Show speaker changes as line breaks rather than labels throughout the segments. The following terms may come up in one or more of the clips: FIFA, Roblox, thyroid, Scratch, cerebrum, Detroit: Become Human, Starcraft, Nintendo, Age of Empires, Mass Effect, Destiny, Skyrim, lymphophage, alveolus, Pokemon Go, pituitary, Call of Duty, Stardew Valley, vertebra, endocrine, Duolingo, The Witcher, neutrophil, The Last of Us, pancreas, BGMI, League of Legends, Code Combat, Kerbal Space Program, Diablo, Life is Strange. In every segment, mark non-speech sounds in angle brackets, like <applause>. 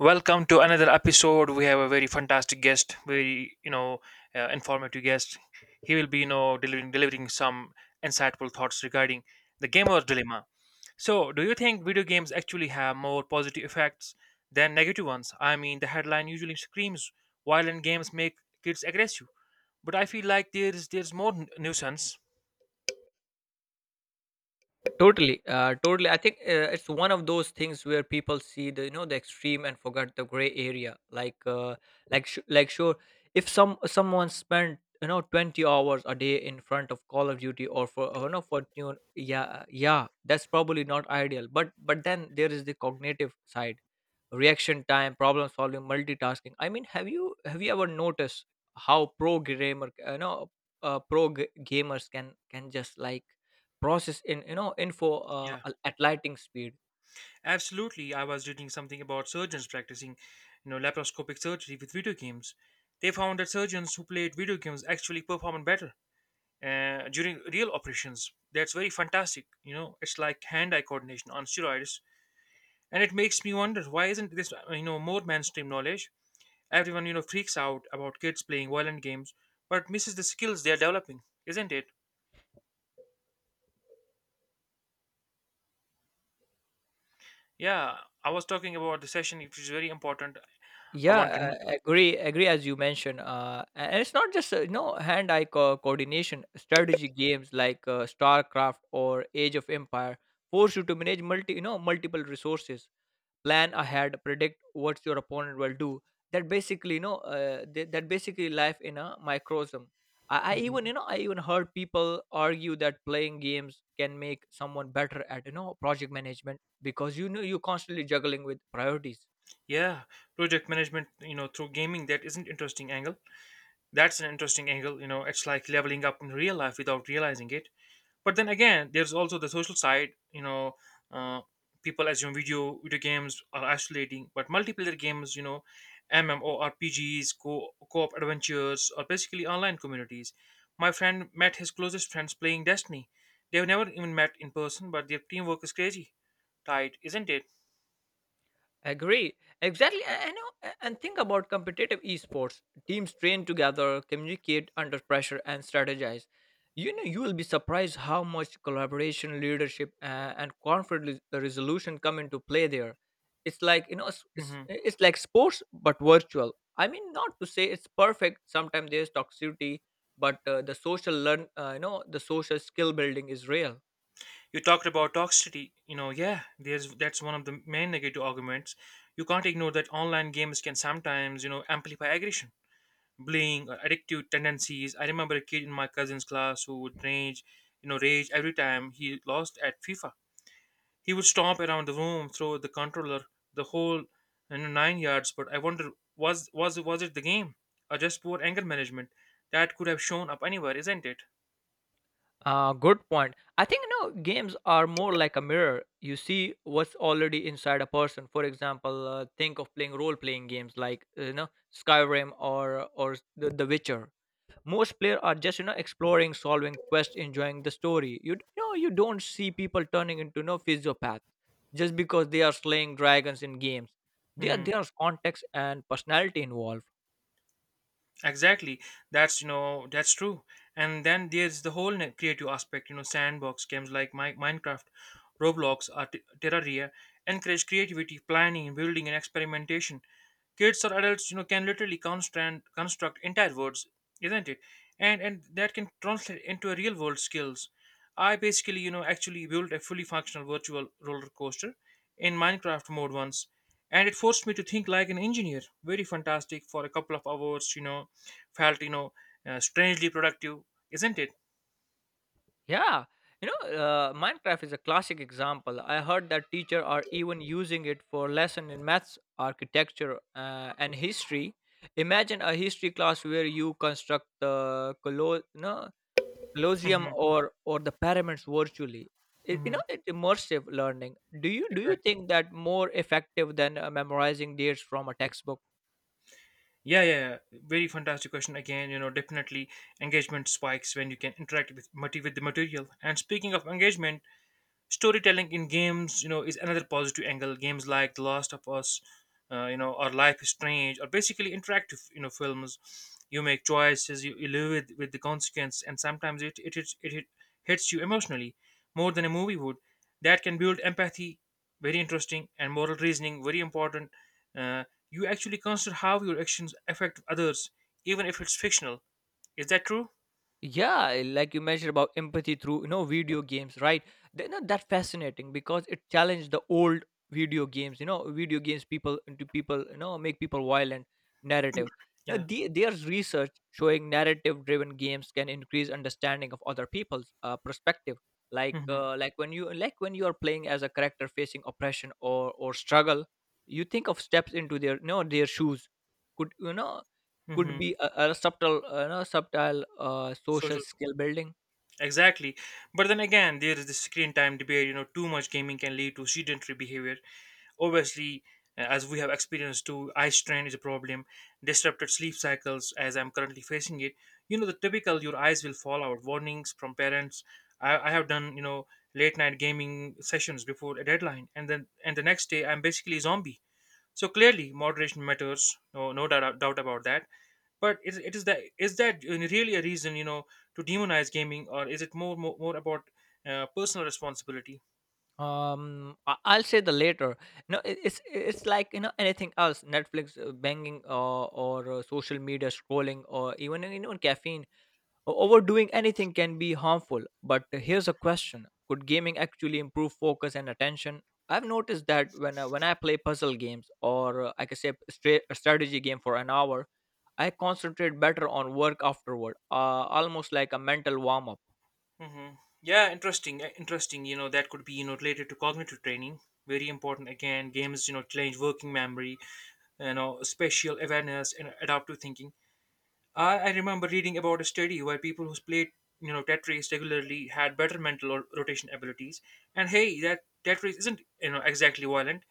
Welcome to another episode. We have a very fantastic guest, very informative guest. He will be delivering some insightful thoughts regarding the gamer's dilemma. So, do you think video games actually have more positive effects than negative ones? I mean, the headline usually screams violent games make kids aggressive, but I feel like there's more nuisance.
Totally. I think it's one of those things where people see the you know the extreme and forget the gray area. Sure, if someone spent 20 hours a day in front of Call of Duty or for you know for you yeah, yeah, that's probably not ideal. But then there is the cognitive side, reaction time, problem solving, multitasking. I mean, have you ever noticed how pro gamer you know pro g- gamers can just like process in you know info
Yeah.
at lightning speed.
Absolutely, I was reading something about surgeons practicing, you know, laparoscopic surgery with video games. They found that surgeons who played video games actually performed better during real operations. That's very fantastic. You know, it's like hand-eye coordination on steroids, and it makes me wonder why isn't this, you know, more mainstream knowledge? Everyone, you know, freaks out about kids playing violent games, but misses the skills they are developing, isn't it? Yeah, I was talking about the session, which is very important. I
Yeah,
want to know.
agree, as you mentioned, and it's not just hand eye coordination. Strategy games like starcraft or age of empire force you to manage multiple resources, plan ahead, predict what your opponent will do. That basically you know uh, th- that basically life in a microcosm. I
Mm-hmm.
even heard people argue that playing games can make someone better at project management, because you're constantly juggling with priorities.
Yeah, project management, you know, through gaming, that isn't interesting angle. That's an interesting angle, you know, it's like leveling up in real life without realizing it. But then again, there's also the social side, uh, people assume video games are isolating, but multiplayer games, you know, MMORPGs, co-op adventures are basically online communities. My friend met his closest friends playing Destiny. They've never even met in person, but their teamwork is crazy tight, isn't it?
Agree. Exactly. And, you know, and think about competitive esports. Teams train together, communicate under pressure, and strategize. You know, you will be surprised how much collaboration, leadership, and conflict resolution come into play there. It's like, you know,
Mm-hmm.
it's like sports, but virtual. I mean, not to say it's perfect. Sometimes there's toxicity, but the social learn, you know, the social skill building is real.
You talked about toxicity. You know, yeah, there's that's one of the main negative arguments. You can't ignore that online games can sometimes, you know, amplify aggression, bullying, or addictive tendencies. I remember a kid in my cousin's class who would rage, you know, rage every time he lost at FIFA. He would stomp around the room, throw the controller, the whole nine yards. But I wonder, was it the game or just poor anger management that could have shown up anywhere, isn't it?
Good point. I think games are more like a mirror. You see what's already inside a person. For example, think of playing role-playing games like Skyrim or the Witcher. Most players are just exploring, solving quests, enjoying the story. You, d- you know You don't see people turning into no physiopath just because they are slaying dragons in games. There
Hmm.
there's context and personality involved.
Exactly. That's that's true. And then there's the whole creative aspect. You know, sandbox games like Minecraft, Roblox, or Terraria encourage creativity, planning, building, and experimentation. Kids or adults, you know, can literally construct entire worlds, isn't it? And that can translate into a real world skills. I basically, you know, actually built a fully functional virtual roller coaster in Minecraft mode once, and it forced me to think like an engineer. Very fantastic for a couple of hours, you know felt you know strangely productive, isn't it?
Yeah, you know, Minecraft is a classic example. I heard that teacher are even using it for lesson in maths, architecture, and history. Imagine a history class where you construct the colo- no, Colosseum
Mm-hmm.
or the pyramids virtually. It, you
Mm-hmm.
know, it's immersive learning. Do you
Exactly.
think that more effective than memorizing dates from a textbook?
Yeah, yeah, yeah. Very fantastic question. Again, you know, definitely engagement spikes when you can interact with, mati with the material. And speaking of engagement, storytelling in games is another positive angle. Games like The Last of Us, you know, or Life is Strange, or basically interactive, you know, films. You make choices, you live with the consequence, and sometimes it hits you emotionally more than a movie would. That can build empathy, very interesting, and moral reasoning, very important. uh, you actually consider how your actions affect others, even if it's fictional. Is that true?
Yeah, like you mentioned about empathy through video games, right? They are not that fascinating because it challenged the old video games people make people violent narrative. now,
Yeah.
the, there's research showing narrative driven games can increase understanding of other people's perspective.
Mm-hmm.
Like when you are playing as a character facing oppression or struggle, you think of steps into their shoes. Could you know Could
Mm-hmm.
be a subtle, social
Social.
skill building.
Exactly. But then again, there is the screen time debate. You know, too much gaming can lead to sedentary behavior. Obviously, as we have experienced too, eye strain is a problem. Disrupted sleep cycles, as I'm currently facing it. You know, the typical your eyes will fall out warnings from parents. I have done, you know, late night gaming sessions before a deadline, and the next day I'm basically a zombie. So clearly, moderation matters. No, no doubt about that. But is that really a reason, you know, to demonize gaming, or is it more about personal responsibility?
I'll say the later. No, it- It's like anything else, Netflix, banging, or social media scrolling, or even caffeine. Overdoing anything can be harmful, but here's a question. Could gaming actually improve focus and attention? I've noticed that when I play puzzle games or I can say a strategy game for an hour, I concentrate better on work afterward, almost like a mental warm up.
Hmm. Yeah, interesting, interesting. You know, that could be, you know, related to cognitive training, very important again. Games, you know, challenge working memory, you know, spatial awareness, and adaptive thinking. I remember reading about a study where people who played, you know, Tetris regularly had better mental or rotation abilities. And hey, that Tetris isn't, you know, exactly violent.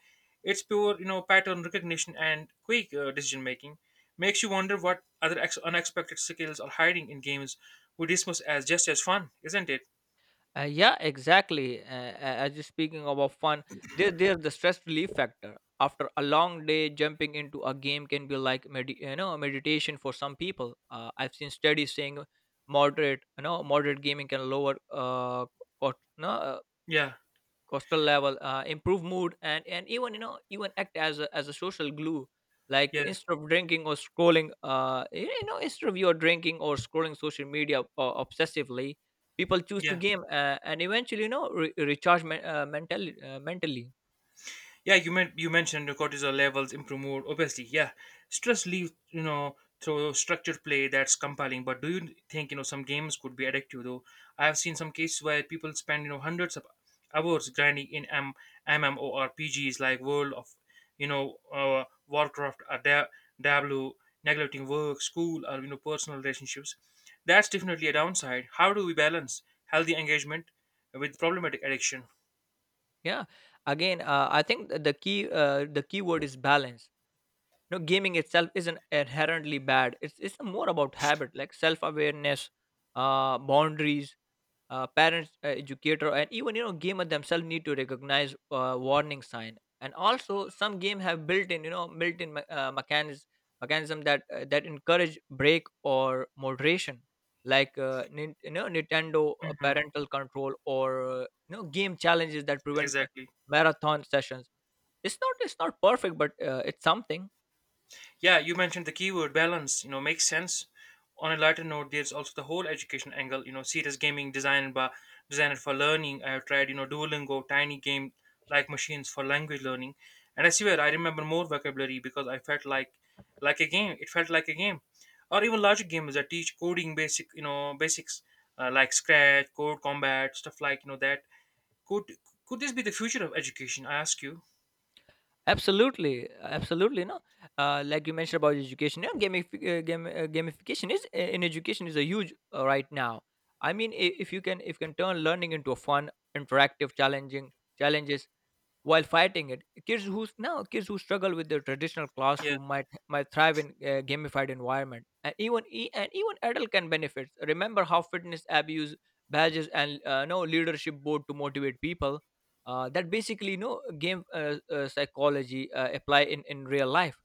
It's pure, you know, pattern recognition and quick decision making. Makes you wonder what other unexpected skills are hiding in games we dismiss as just as fun, isn't it?
Yeah, exactly. As you speaking about fun, they're the stress relief factor. After a long day, jumping into a game can be like meditation for some people. I've seen studies saying moderate you know moderate gaming can lower cort- no,
Yeah,
cortisol level, improve mood, and even you know even act as a social glue. Like
yeah,
instead of drinking or scrolling, instead of you're drinking or scrolling social media obsessively, people choose to
yeah.
game, and eventually recharge mentally.
Yeah, you mentioned the cortisol levels improve more obviously. Yeah, stress leaves, you know, through structured play, that's compelling. But do you think, you know, some games could be addictive though? I have seen some cases where people spend, you know, hundreds of hours grinding in MMORPGs like World of Warcraft or Diablo, neglecting work, school, or, you know, personal relationships. That's definitely a downside. How do we balance healthy engagement with problematic addiction?
Yeah. Again, I think the key word is balance. You know, gaming itself isn't inherently bad. It's more about habit, like self awareness, boundaries. Parents, educator, and even gamer themselves need to recognize warning sign. And also some game have built in mechanism that that encourage break or moderation, like nintendo
Hmm.
parental control, or game challenges that prevent
Exactly.
marathon sessions. It's not perfect, but it's something.
Yeah, you mentioned the keyword balance, you know, makes sense. On a lighter note, there's also the whole education angle, you know, serious gaming designed for learning. I have tried, you know, Duolingo, tiny game like machines for language learning. And I swear I remember more vocabulary because I felt like a game. It felt like a game. Or even larger games that teach coding basic, you know, basics like Scratch, Code Combat, stuff like, you know, that. Could could this be the future of education? I ask you.
Absolutely, absolutely. No, like you mentioned about education, yeah, gamification is in education is a huge right now. I mean, if you can turn learning into a fun, interactive, challenging challenges while fighting it. Kids who struggle with their traditional
Yeah.
classroom might thrive in gamified environment, and and even adult can benefit. Remember how fitness app use badges and no leadership board to motivate people. That basically no game psychology apply in real life.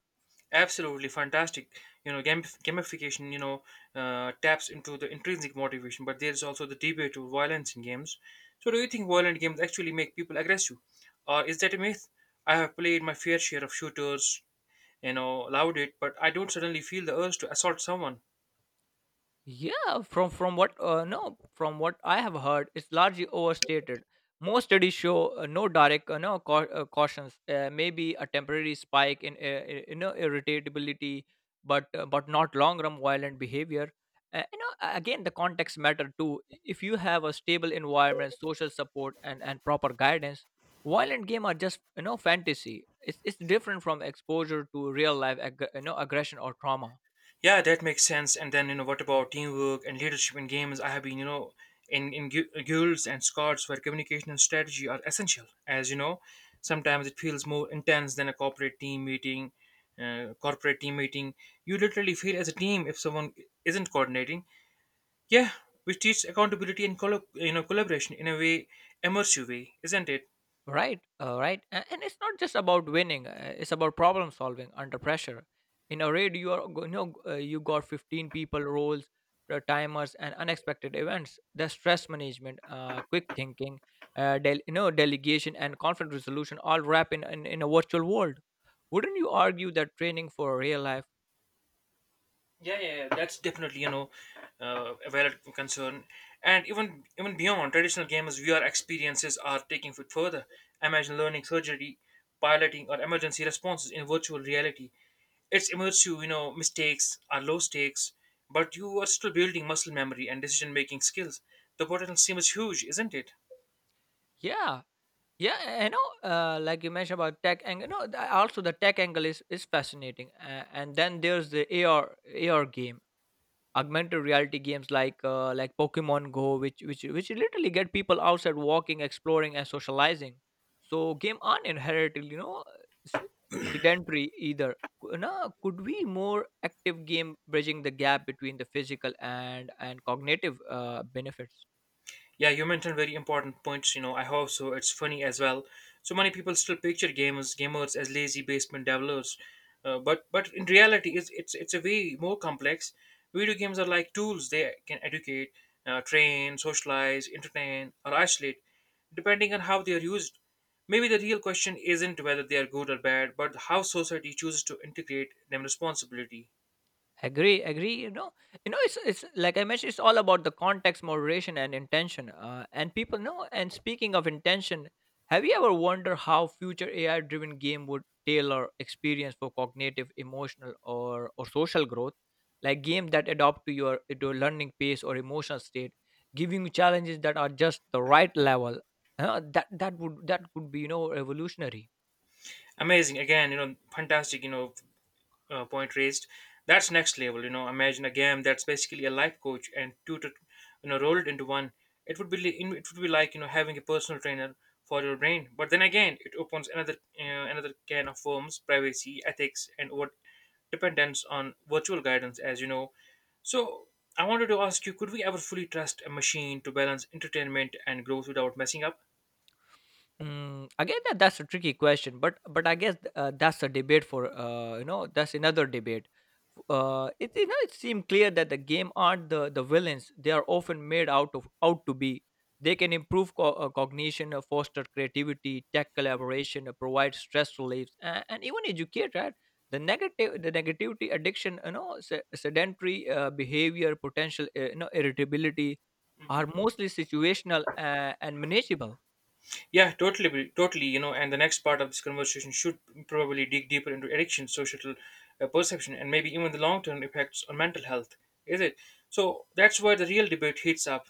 Absolutely fantastic. You know, gamification, you know, taps into the intrinsic motivation, but there's also the debate of violence in games. So, do you think violent games actually make people aggressive? Or is that a myth? I have played my fair share of shooters, you know, loved it, but I don't suddenly feel the urge to assault someone.
Yeah, from what no, from what I have heard, it's largely overstated. Most studies show no direct no cau- cautions. Maybe a temporary spike in irritability, but not long run violent behavior. Again, the context matter too. If you have a stable environment, social support, and proper guidance, violent game are just fantasy. It's different from exposure to real life aggression or trauma.
Yeah, that makes sense. And then, you know, what about teamwork and leadership in games? I have been, you know, in guilds and squads where communication and strategy are essential. As you know, sometimes it feels more intense than a corporate team meeting. Corporate team meeting, you literally feel as a team if someone isn't coordinating. Yeah, which teaches accountability and collaboration in a way immersive way, isn't it?
Right, And it's not just about winning, it's about problem solving under pressure. In a raid, you are go- you know you got 15 people, roles, timers, and unexpected events. The stress management, quick thinking, delegation, and conflict resolution all wrap in, in a virtual world. Wouldn't you argue that training for real life?
Yeah, yeah, yeah, that's definitely, you know, a valid concern. And even beyond traditional gamers, VR experiences are taking it further. Imagine learning surgery, piloting, or emergency responses in virtual reality. It's immersive, you know. Mistakes are low stakes, but you are still building muscle memory and decision making skills. The potential seems huge, isn't it?
Yeah, yeah. You know, like you mentioned about tech angle. No, th- also The tech angle is fascinating. And then there's the AR AR game, augmented reality games like pokemon go, which literally get people outside walking, exploring, and socializing. So game aren't inherently s- sedentary either. Cou- no, Could we more active game bridging the gap between the physical and cognitive benefits?
Yeah, you mentioned very important points. You know, I hope so. It's funny as well. So many people still picture gamers as lazy basement developers, but in reality, it's a way more complex. Video games are like tools. They can educate, train, socialize, entertain, or isolate, depending on how they are used. Maybe the real question isn't whether they are good or bad, but how society chooses to integrate them responsibility.
Agree, agree. You know, it's like I mentioned, it's all about the context, moderation, and intention. And people know. And speaking of intention, have you ever wondered how future AI-driven game would tailor experience for cognitive, emotional, or social growth? Like games that adapt to your learning pace or emotional state, giving you challenges that are just the right level. That would that could be revolutionary.
Amazing again, you know, fantastic. You know, point raised. That's next level. You know, imagine a game that's basically a life coach and tutor, you know, rolled into one. It would be like, you know, having a personal trainer for your brain. But then again, it opens another, another can of worms: privacy, ethics, and what dependence on virtual guidance, as you know. So I wanted to ask you: could we ever fully trust a machine to balance entertainment and growth without messing up?
Mm, again, that's a tricky question, but I guess that's another debate. F- it you know It seemed clear that the game aren't the villains; they are often made out of out to be. They can improve cognition, foster creativity, tech collaboration, provide stress relief, and, even educate. Right? The negativity, addiction, you know, sedentary behavior, potential, irritability, are mostly situational and manageable.
Yeah, totally, totally. You know, and the next part of this conversation should probably dig deeper into addiction, social, perception, and maybe even the long-term effects on mental health. Is it? So that's where the real debate heats up.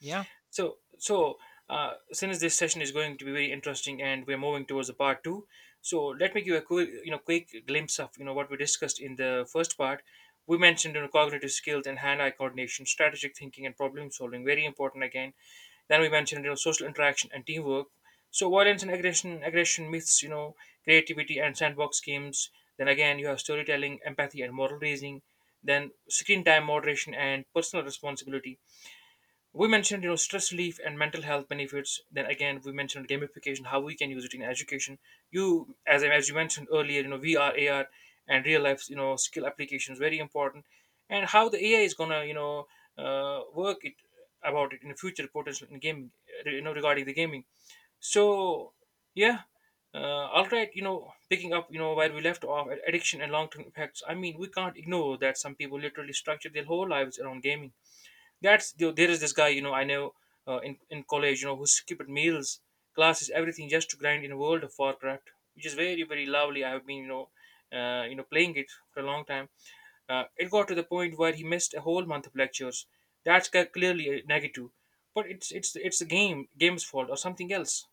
Yeah.
So, since this session is going to be very interesting, and we're moving towards the part two, so let me give a quick, you know, quick glimpse of, you know, what we discussed in the first part. We mentioned, you know, cognitive skills and hand-eye coordination, strategic thinking, and problem solving. Very important again. Then we mentioned, you know, social interaction and teamwork. So violence and aggression, aggression myths, you know, creativity and sandbox games. Then again, you have storytelling, empathy, and moral reasoning. Then screen time moderation and personal responsibility, we mentioned stress relief and mental health benefits. Then again, we mentioned gamification, how we can use it in education. You As you mentioned earlier, VR, AR and real life, skill applications, very important. And how the AI is gonna work it about it in the future potential in gaming. Regarding the gaming, so yeah. uh, all right, picking up where we left off, addiction and long-term effects. I mean, we can't ignore that some people literally structure their whole lives around gaming. That's there there is this guy, I know, in college, who skipped meals, classes, everything just to grind in a World of Warcraft, which is very very lovely. I have been playing it for a long time. It got to the point where he missed a whole month of lectures. Clearly a negative, but it's the game's fault or something else.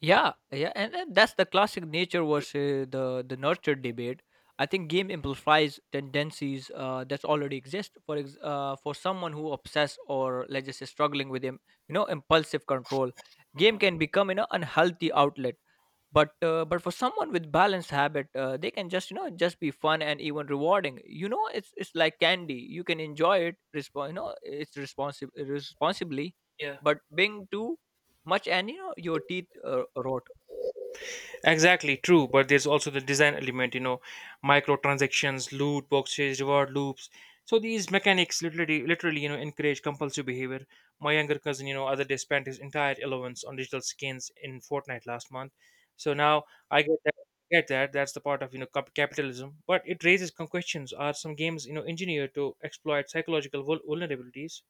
Yeah, yeah, and, that's the classic nature versus the nurture debate. I think game amplifies tendencies that already exist. For for someone who obsessed, or let's just say struggling with him, you know, impulsive control, game
Hmm.
can become an unhealthy outlet. But for someone with balanced habit, they can just just be fun and even rewarding. You know, it's like candy, you can enjoy it respon you know it's responsible responsibly,
Yeah.
but being too much and you know your teeth rot.
Exactly, true. But there's also the design element, microtransactions, loot boxes, reward loops. So these mechanics, literally, encourage compulsive behavior. My younger cousin, other day spent his entire allowance on digital skins in Fortnite last month. So now I get that. Get that? That's the part of capitalism. But it raises some questions. Are some games engineered to exploit psychological vulnerabilities?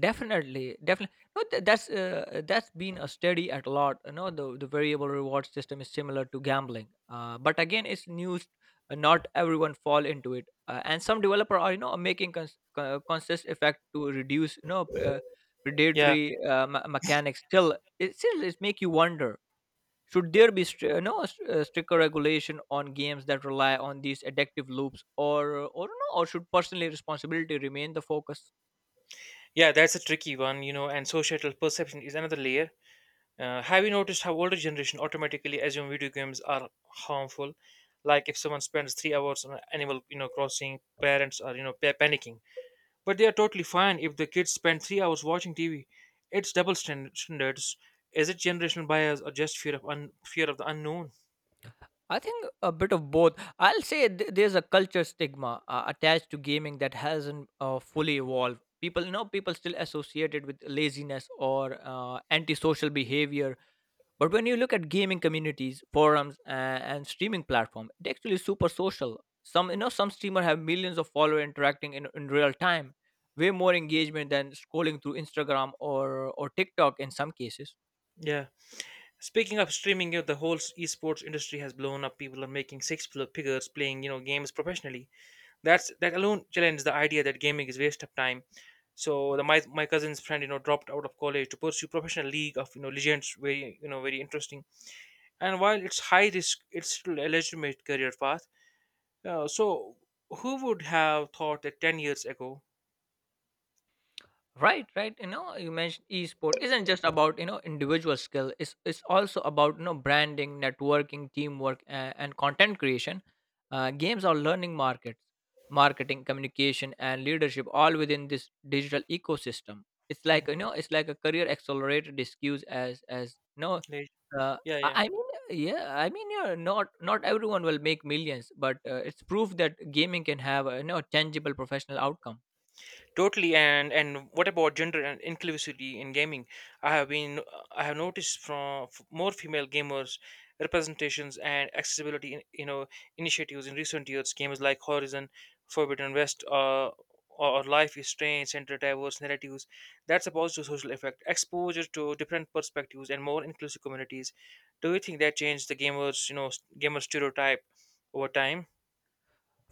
Definitely, definitely. No, th- That's that's been a study at a lot. You know, the variable reward system is similar to gambling. But again, it's news. Not everyone fall into it, and some developer are making conscious effect to reduce
Yeah,
predatory mechanics. Still, it still is make you wonder. Should there be str- no st- stricter regulation on games that rely on these addictive loops, or no, or should personal responsibility remain the focus?
yeah, that's a tricky one, you know. And societal perception is another layer. Have you noticed how older generation automatically assume video games are harmful? Like if someone spends 3 hours on Animal, you know, Crossing, parents are panicking. But they are totally fine if the kids spend 3 hours watching TV. It's double standards. Is it generational bias or just fear of the unknown?
I think a bit of both. I'll say there's a culture stigma attached to gaming that hasn't fully evolved. People, people still associate it with laziness or antisocial behavior. But when you look at gaming communities, forums, and streaming platform, it actually is super social. Some streamer have millions of followers interacting in real time, way more engagement than scrolling through Instagram or TikTok in some cases.
Yeah. Speaking of streaming, you know, the whole esports industry has blown up. People are making six figures playing, you know, games professionally. That alone challenges the idea that gaming is waste of time. So the my my cousin's friend, you know, dropped out of college to pursue professional League of, Legends. Very, very interesting. And while it's high risk, it's still a legitimate career path. So who would have thought that 10 years ago?
Right, right, you know, you mentioned esport isn't just about, you know, individual skill. It's also about, you know, branding, networking, teamwork, and content creation. Games are learning markets, marketing, communication, and leadership, all within this digital ecosystem. It's
<laughs>
like, you
Mhm.
know, it's like a career accelerator discussed as you know.
Leg-
uh,
Yeah,
I
yeah.
I mean, yeah, I mean, yeah, not everyone will make millions, but it's proof that gaming can have a, you know, tangible professional outcome.
Totally, and what about gender and inclusivity in gaming? I have been I have noticed more female gamers, representations and accessibility in, you know, initiatives in recent years. Games like Horizon Forbidden West or Life is Strange center diverse narratives. That's a positive social effect. Exposure to different perspectives and more inclusive communities. Do you think that changed the gamers you know s- gamer stereotype over time?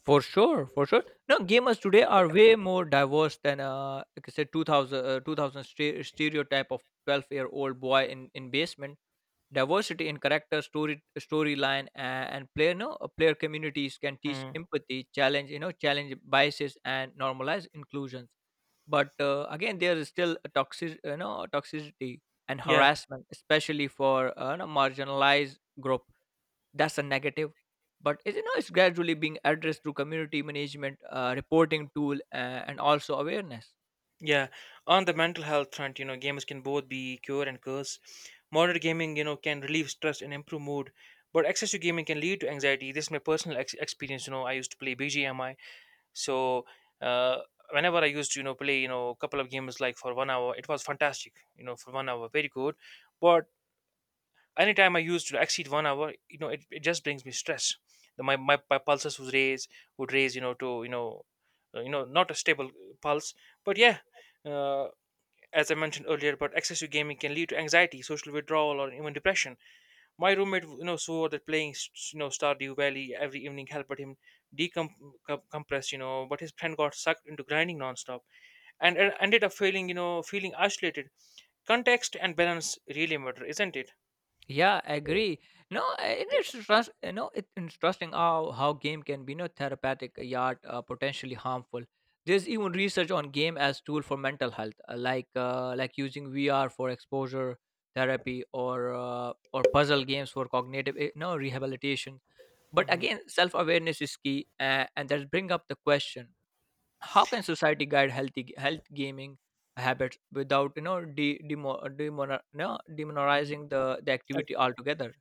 For sure, for sure. No, gamers today are way more diverse than, like I said, 2000, 2000 stereotype of 12-year-old year old boy in basement. Diversity in character, story, storyline, and player, no player communities can teach
Hmm.
empathy, challenge, you know, challenge biases, and normalize inclusions. But again, there is still a toxic, you know, toxicity and
Yeah.
harassment, especially for you know, marginalized group. That's a negative, but it, you know, it's gradually being addressed through community management, reporting tool, and also awareness.
Yeah, on the mental health front, you know, gamers can both be cure and curse. Moderate gaming, you know, can relieve stress and improve mood, but excessive gaming can lead to anxiety. This is my personal experience. You know, I used to play BGMI, so uh, whenever I used to, you know, play, you know, a couple of games like for 1 hour, it was fantastic. You know, for 1 hour, very good. But anytime I used to exceed 1 hour, you know, it just brings me stress. My pulses would raise, you know, to you know, not a stable pulse, but yeah. uh, as I mentioned earlier, but excessive gaming can lead to anxiety, social withdrawal, or even depression. My roommate, you know, swore that playing, Stardew Valley every evening helped him decompress, you know, but his friend got sucked into grinding nonstop and ended up feeling, feeling isolated. Context and balance really matter, isn't it?
Yeah, I agree. No, and it's trust. You know, it's interesting how game can be, you know, therapeutic yet potentially harmful. There's even research on game as tool for mental health, like like using VR for exposure therapy or or puzzle games for cognitive, eh, no, rehabilitation. But
Hmm.
again, self awareness is key, and that bring up the question: how can society guide healthy health gaming habits without, you know, de- demo, demora- no, demonizing the activity altogether?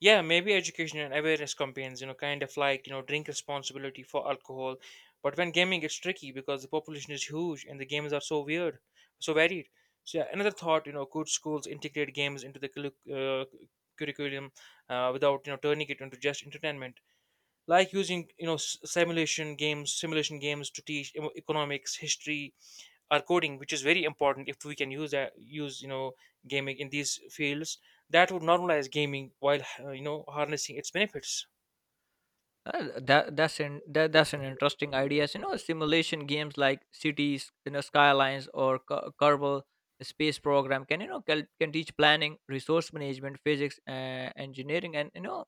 Yeah, maybe education and awareness campaigns, you know, kind of like, you know, drink responsibility for alcohol. But when gaming, it's tricky because the population is huge and the games are so weird, so varied. So, yeah, another thought, you know, could schools integrate games into the uh, curriculum without, you know, turning it into just entertainment? Like using, you know, simulation games to teach economics, history, our coding, which is very important. If we can use that, use you know, gaming in these fields, that would normalize gaming while you know, harnessing its benefits.
That's an interesting idea. So, you know, simulation games like Cities, you know, Skylines or Kerbal Space Program can, you know, can teach planning, resource management, physics, engineering, and, you know,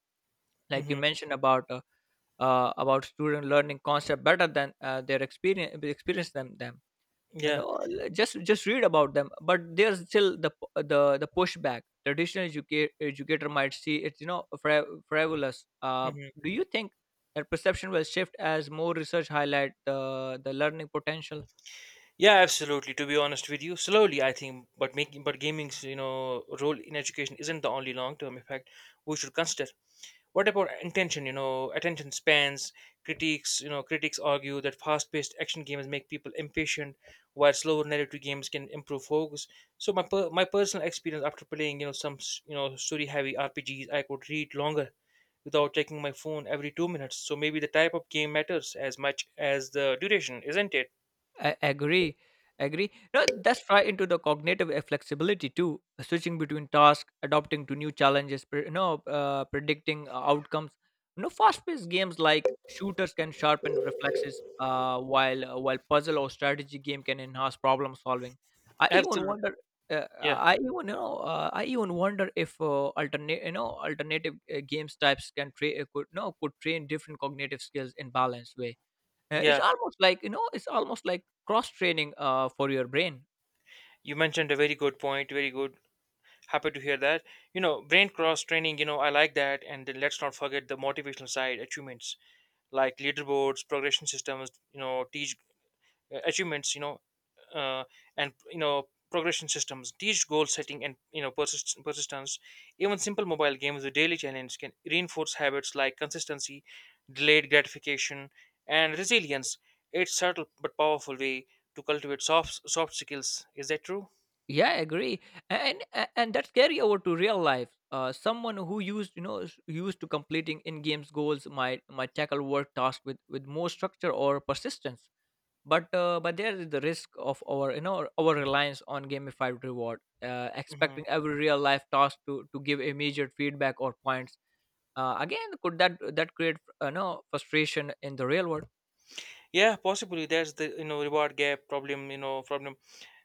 like you
Hmm.
mentioned about student learning concept better than their experience, experience them, and
Yeah.
all, just read about them. But there's still the pushback. Traditional educator might see it, you know, frivolous.
Hmm.
Do you think that perception will shift as more research highlight the learning potential?
Yeah, absolutely, to be honest with you. Slowly, I think, but making but gaming's, you know, role in education isn't the only long term effect we should consider. What about intention? You know, attention spans. Critics, critics argue that fast-paced action games make people impatient, while slower narrative games can improve focus. So my personal experience, after playing, you know, you know, story-heavy RPGs, I could read longer without taking my phone every 2 minutes. So maybe the type of game matters as much as the duration, isn't it?
I agree. Agree. No, that's right into the cognitive flexibility too. Switching between tasks, adapting to new challenges, predicting outcomes. You know, fast-paced games like shooters can sharpen reflexes, while puzzle or strategy game can enhance problem solving. I even
Absolutely.
wonder.
Yeah.
I even you know. I even wonder if alternate, you know, alternative games types can train, could no could train different cognitive skills in balanced way. It's
Yeah.
almost like, you know, it's almost like cross training for your brain.
You mentioned a very good point. Very good. Happy to hear that, you know, brain cross training, you know, I like that. And then let's not forget the motivational side. Achievements like leaderboards, progression systems, you know, teach achievements you know uh, and you know progression systems teach goal setting and, you know, persistence. Even simple mobile games with daily challenge can reinforce habits like consistency, delayed gratification, and resilience. It's subtle but powerful way to cultivate soft skills, is that true?
Yeah, I agree, and and that's carry over to real life. Someone who used, you know, is used to completing in games goals might tackle work task with more structure or persistence. But there is the risk of our, you know, our reliance on gamified reward, expecting
Mhm.
every real life task to give immediate feedback or points. Again, could that create no frustration in the real world?
Yeah, possibly. There's the you know reward gap problem.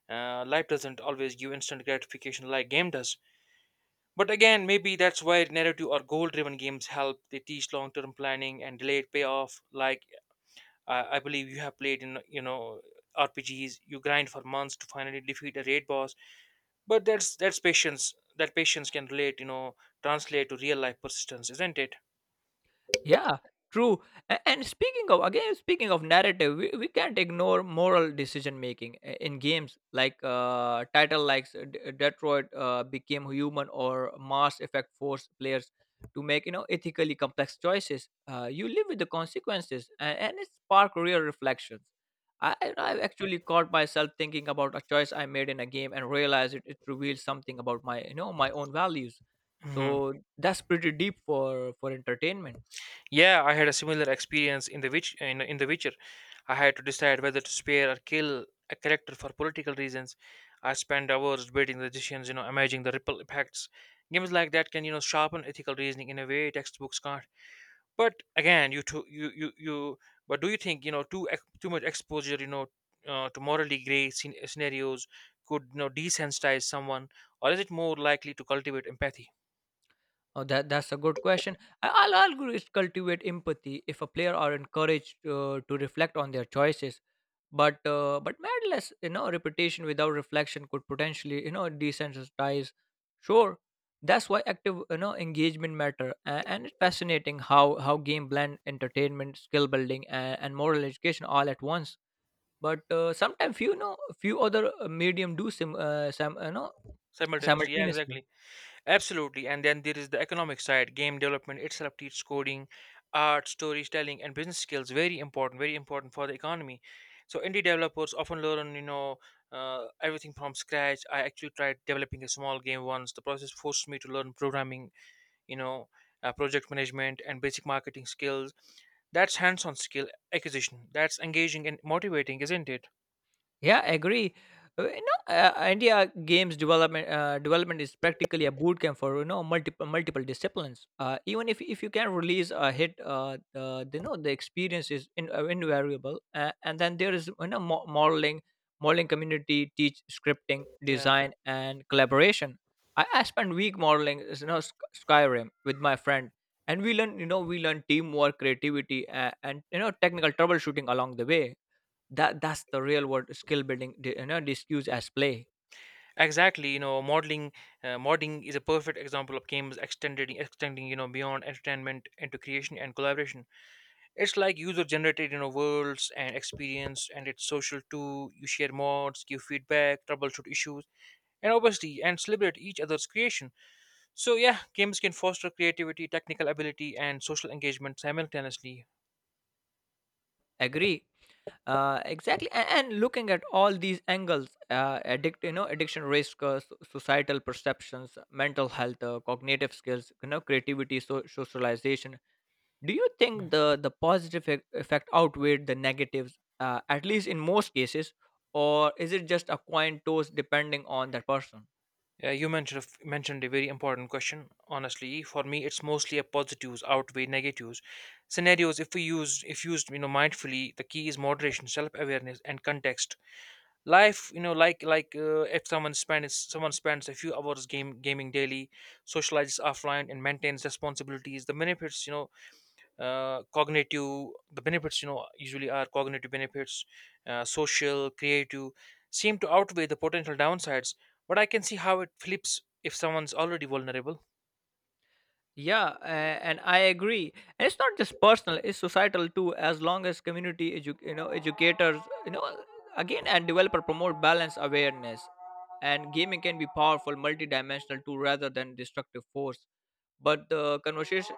Life doesn't always give instant gratification like game does. But again, maybe that's why narrative or goal-driven games help. They teach long-term planning and delayed payoff. Like I believe you have played in, you know, RPGs. You grind for months to finally defeat a raid boss. But that's patience. That patience can relate. You know, translate to real-life persistence, isn't it?
Yeah, true. And speaking of, again, speaking of narrative, we can't ignore moral decision making in games like title like Detroit Became Human or Mass Effect, force players to make, you know, ethically complex choices. You live with the consequences, and it spark real reflections. I have actually caught myself thinking about a choice I made in a game and realized it reveals something about my, you know, my own values.
Mhm.
So that's pretty deep for entertainment.
Yeah, I had a similar experience in in the Witcher. I had to decide whether to spare or kill a character for political reasons. I spent hours debating the decisions, you know, imagining the ripple effects. Games like that can, you know, sharpen ethical reasoning in a way textbooks can't. But again, you too, you you you. But do you think too much exposure, to morally gray scenarios could, you know, desensitize someone, or is it more likely to cultivate empathy
Oh, that's a good question. Is cultivate empathy if a player are encouraged to reflect on their choices. But madness, you know, reputation without reflection could potentially, you know, desensitize. Sure, that's why active, you know, engagement matter, and it's fascinating how game blend entertainment, skill building, and moral education all at once. But sometimes few, you know, few other medium do
simultaneously? Yeah,
simultaneously.
exactly. Absolutely. And then there is the economic side. Game development itself teaches coding, art, storytelling, and business skills. Very important for the economy. So indie developers often learn, everything from scratch. I actually tried developing a small game once. The process forced me to learn programming, you know, project management, and basic marketing skills. That's hands-on skill acquisition. That's engaging and motivating, isn't it?
Yeah, I agree. India games development development is practically a boot camp for, you know, multiple disciplines. Even if you can release a hit, you know, the experience is in, invariable. And then there is, you know, modeling, modeling community teach scripting,
Yeah.
design, and collaboration. I spent week modeling, you know, Skyrim with my friend, and we learn, you know, we learn teamwork, creativity, and, you know, technical troubleshooting along the way. That's the real world skill building you know, discussed as play.
Exactly, you know, modeling modding is a perfect example of games extended extending, you know, beyond entertainment into creation and collaboration. It's like user generated, you know, worlds and experience, and it's social too. You share mods, give feedback, troubleshoot issues, and obviously and celebrate each other's creation. So yeah, games can foster creativity, technical ability and social engagement simultaneously.
Agree. Exactly, and looking at all these angles, addiction risk, so- societal perceptions, mental health, cognitive skills, you know, creativity, so- socialization. Do you think the positive effect outweighed the negatives, at least in most cases, or is it just a coin toss depending on that person?
Yeah, you mentioned mentioned a very important question. Honestly, for me, it's mostly a positives outweigh negatives. Scenarios, if we use if used, you know, mindfully, the key is moderation, self awareness, and context. Life, you know, if someone spends a few hours game gaming daily, socializes offline, and maintains responsibilities, the benefits, you know, cognitive the benefits, you know, usually are cognitive benefits, social, creative, seem to outweigh the potential downsides. But I can see how it flips if someone's already vulnerable.
Yeah, a- and I agree. And it's not just personal; it's societal too. As long as community, you know, educators, you know, again, and developer promote balance, awareness, and gaming can be powerful, multi-dimensional too, rather than destructive force. But the conversation